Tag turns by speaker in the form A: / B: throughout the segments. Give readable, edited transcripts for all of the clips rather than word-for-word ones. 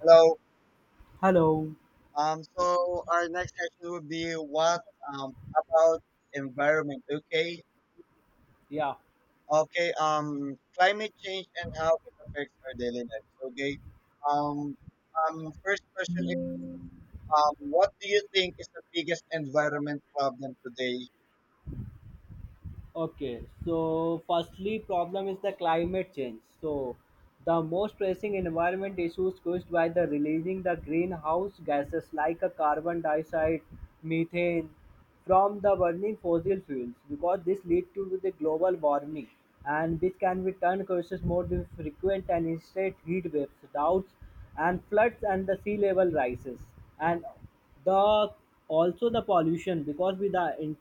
A: Hello.
B: Hello.
A: So our next session would be what about environment? Okay.
B: Yeah.
A: Okay. Climate change and how it affects our daily lives. Okay. Um, first question is what do you think is the biggest environment problem today?
B: Okay. So, firstly, problem is the climate change. So, the most pressing environment issues caused by the releasing the greenhouse gases like a carbon dioxide, methane from the burning fossil fuels because this lead to the global warming, and which can be turned causes more the frequent and instant heat waves, droughts and floods and the sea level rises, and The also the pollution because with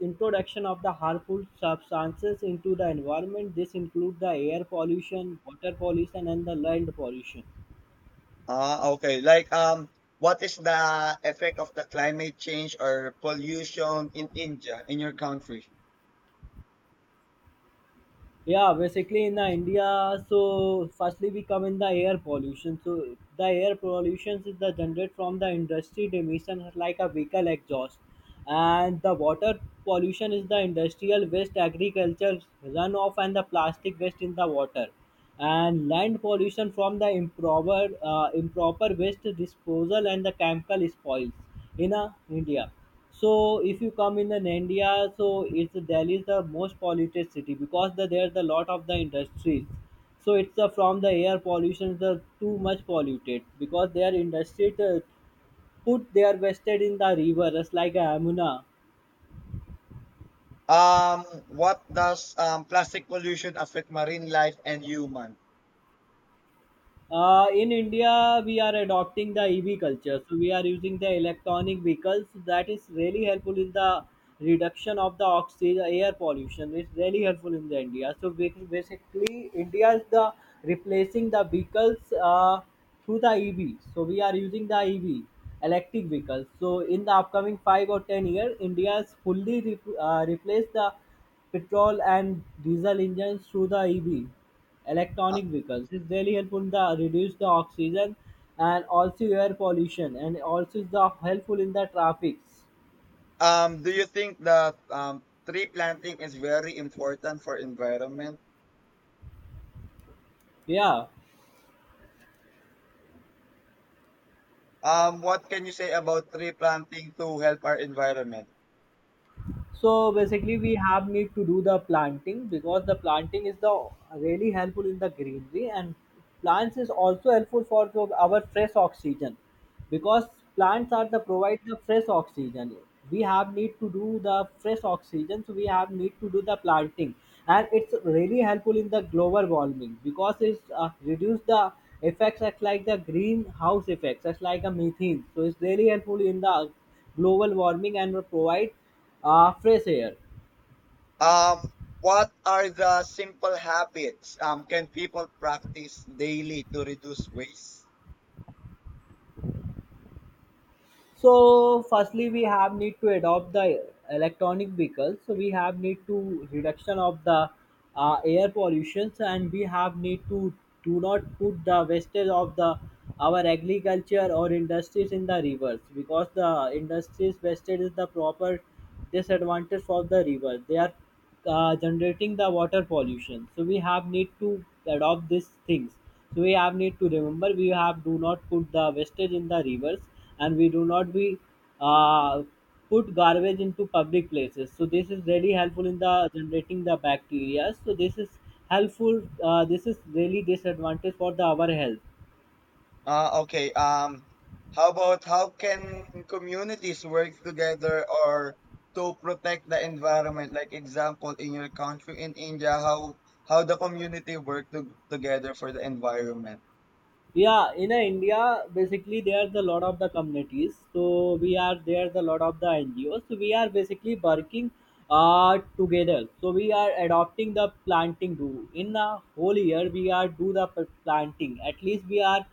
B: introduction of the harmful substances into the environment, this include the air pollution, water pollution, and the land pollution.
A: Ah, okay. What is the effect of the climate change or pollution in India in your country?
B: Yeah, basically in the India, so firstly we come in the air pollution. So the air pollution is the generated from the industry emissions like a vehicle exhaust, and the water pollution is the industrial waste, agriculture runoff, and the plastic waste in the water. And land pollution from the improper waste disposal and the chemical spoils in India. So if you come in an India, so it's Delhi is the most polluted city because there's a lot of the industries. So it's from the air pollution the too much polluted because their industries put their wasted in the river, just like a Amuna.
A: What does plastic pollution affect marine life and human?
B: In India, we are adopting the EV culture. So we are using the electronic vehicles. That is really helpful in the reduction of the oxygen air pollution. It's really helpful in the India. So basically, India is the replacing the vehicles through the EV. So we are using the EV electric vehicles. So in the upcoming 5 or 10 years, India is fully replace the petrol and diesel engines through the EV.
A: Uh,
B: Electronic vehicles is really helpful in the reduce the oxygen and also air pollution, and also is the helpful in the traffics.
A: Do you think that tree planting is very important for environment?
B: Yeah.
A: What can you say about tree planting to help our environment?
B: So basically, we have need to do the planting because the planting is the really helpful in the greenery, and plants is also helpful for our fresh oxygen, because plants are the provide the fresh oxygen. We have need to do the fresh oxygen, so we have need to do the planting, and it's really helpful in the global warming because it's reduce the effects as like the greenhouse effects, as like a methane. So it's really helpful in the global warming and provide fresh air.
A: Um, what are the simple habits can people practice daily to reduce waste?
B: So firstly, we have need to adopt the electronic vehicles. So we have need to reduction of the air pollutions, and we have need to do not put the wastage of the our agriculture or industries in the rivers, because the industries wastage is the proper disadvantage for the river. They are generating the water pollution, so we have need to adopt these things. So we have need to remember we have do not put the wastage in the rivers, and we do not be uh, put garbage into public places. So this is really helpful in the generating the bacteria, so this is helpful, this is really disadvantage for the our health.
A: Okay. How about how can communities work together or to protect the environment? Like example, in your country in India, how the community work to, together for the environment?
B: Yeah, in India, basically there's a lot of the communities, so we are there's a lot of the NGOs, so we are basically working together. So we are adopting the planting. Do in the whole year we are do the planting, at least we are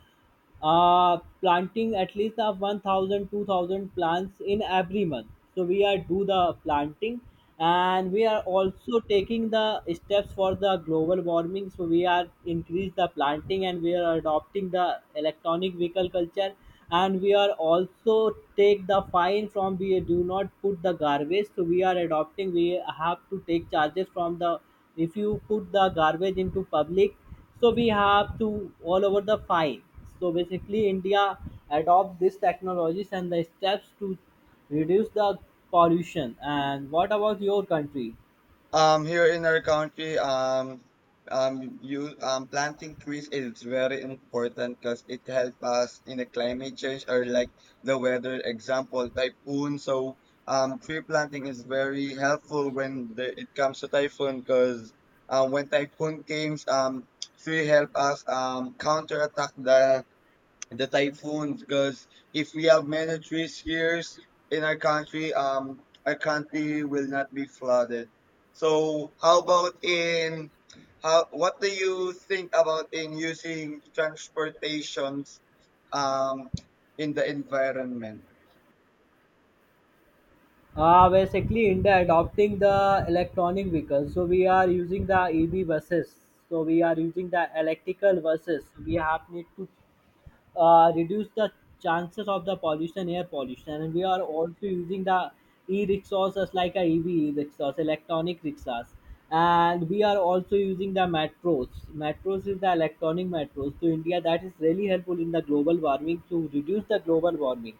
B: planting at least of 1,000, 2,000 plants in every month. So we are do the planting, and we are also taking the steps for the global warming. So we are increase the planting, and we are adopting the electronic vehicle culture. And we are also take the fine from we do not put the garbage, so we are adopting we have to take charges from the if you put the garbage into public. So we have to all over the fine. So basically India adopt these technologies and the steps to reduce the pollution. And what about your country?
A: Here in our country, you planting trees is very important because it helps us in the climate change or like the weather. Example, typhoon. So, tree planting is very helpful it comes to typhoon because when typhoon comes, tree help us counterattack the typhoons because if we have many trees here in our country will not be flooded. So how about in how what do you think about in using transportations um in the environment?
B: Uh, basically India adopting the electronic vehicles, so we are using the EV buses. So we are using the electrical buses. We have need to reduce the chances of the pollution, air pollution. And we are also using the e-rickshaws like a EV rickshaws, electronic rickshaws. And we are also using the metros. Metros is the electronic metros to India. That is really helpful in the global warming to reduce the global warming.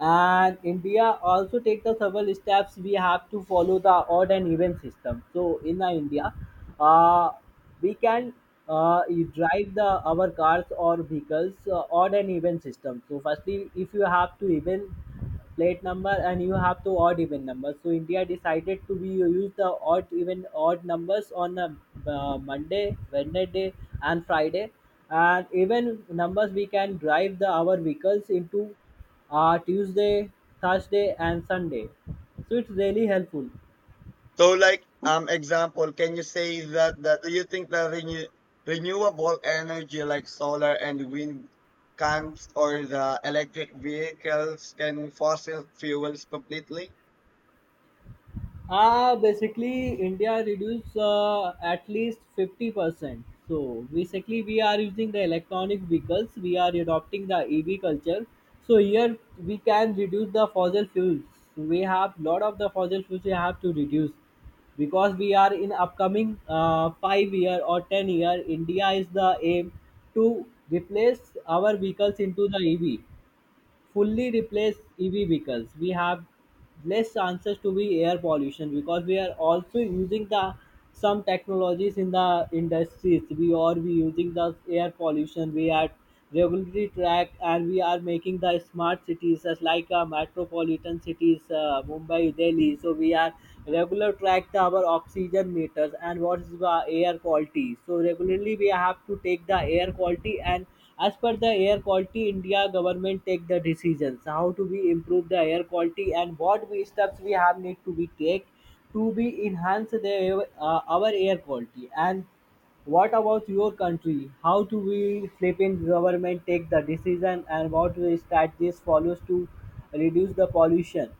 B: And India also take the several steps. We have to follow the odd and even system. So in the India, uh, we can you drive the our cars or vehicles on an even system. So firstly if you have to even plate number and you have to odd even numbers, so India decided to be use the odd even odd numbers on a, Monday, Wednesday and Friday, and even numbers we can drive the our vehicles into Tuesday, Thursday and Sunday. So it's really helpful.
A: So, example, can you say that do you think that renewable energy like solar and wind can't, or the electric vehicles can fossil fuels completely?
B: Ah, basically, India reduced at least 50%. So, basically, we are using the electronic vehicles, we are adopting the EV culture. So, here we can reduce the fossil fuels. We have lot of the fossil fuels we have to reduce, because we are in upcoming 5 year or 10-year India is the aim to replace our vehicles into the EV, fully replace EV vehicles. We have less chances to be air pollution because we are also using the some technologies in the industries. We are we using the air pollution. We are regularly track, and we are making the smart cities as like metropolitan cities, Mumbai, Delhi. So we are regular track the our oxygen meters and what is the air quality. So regularly we have to take the air quality, and as per the air quality, India government take the decisions how to be improve the air quality and what we steps we have need to be take to be enhance the our air quality. And what about your country? How do we Philippine government take the decision and what we strategies follows to reduce the pollution?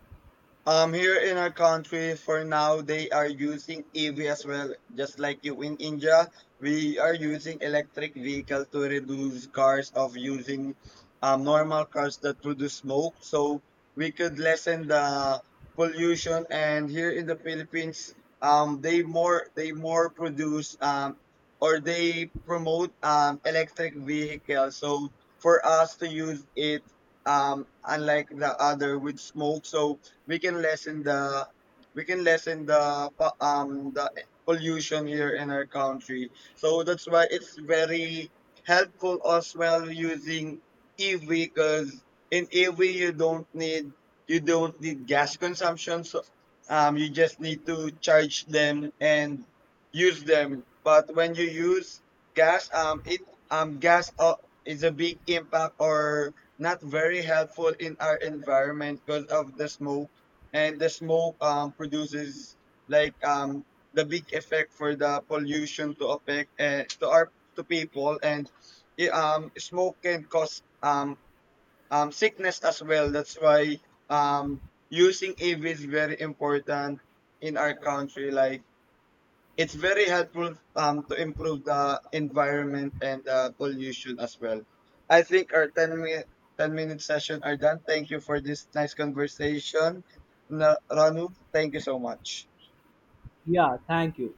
A: Here in our country, for now, they are using EV as well, just like you in India. We are using electric vehicle to reduce cars of using normal cars that produce smoke, so we could lessen the pollution. And here in the Philippines, they more produce or they promote electric vehicles. So for us to use it, unlike the other with smoke, so we can lessen the we can lessen the po- um the pollution here in our country. So that's why it's very helpful as well using EV because in EV you don't need gas consumption. So you just need to charge them and use them. But when you use gas, it gas is a big impact or not very helpful in our environment because of the smoke and the smoke produces like um, the big effect for the pollution to affect to people and smoke can cause sickness as well, that's why um, using EV is very important in our country. Like, it's very helpful to improve the environment and the pollution as well. I think our 10-minute session are done. Thank you for this nice conversation. Ranu, thank you so much.
B: Yeah, thank you.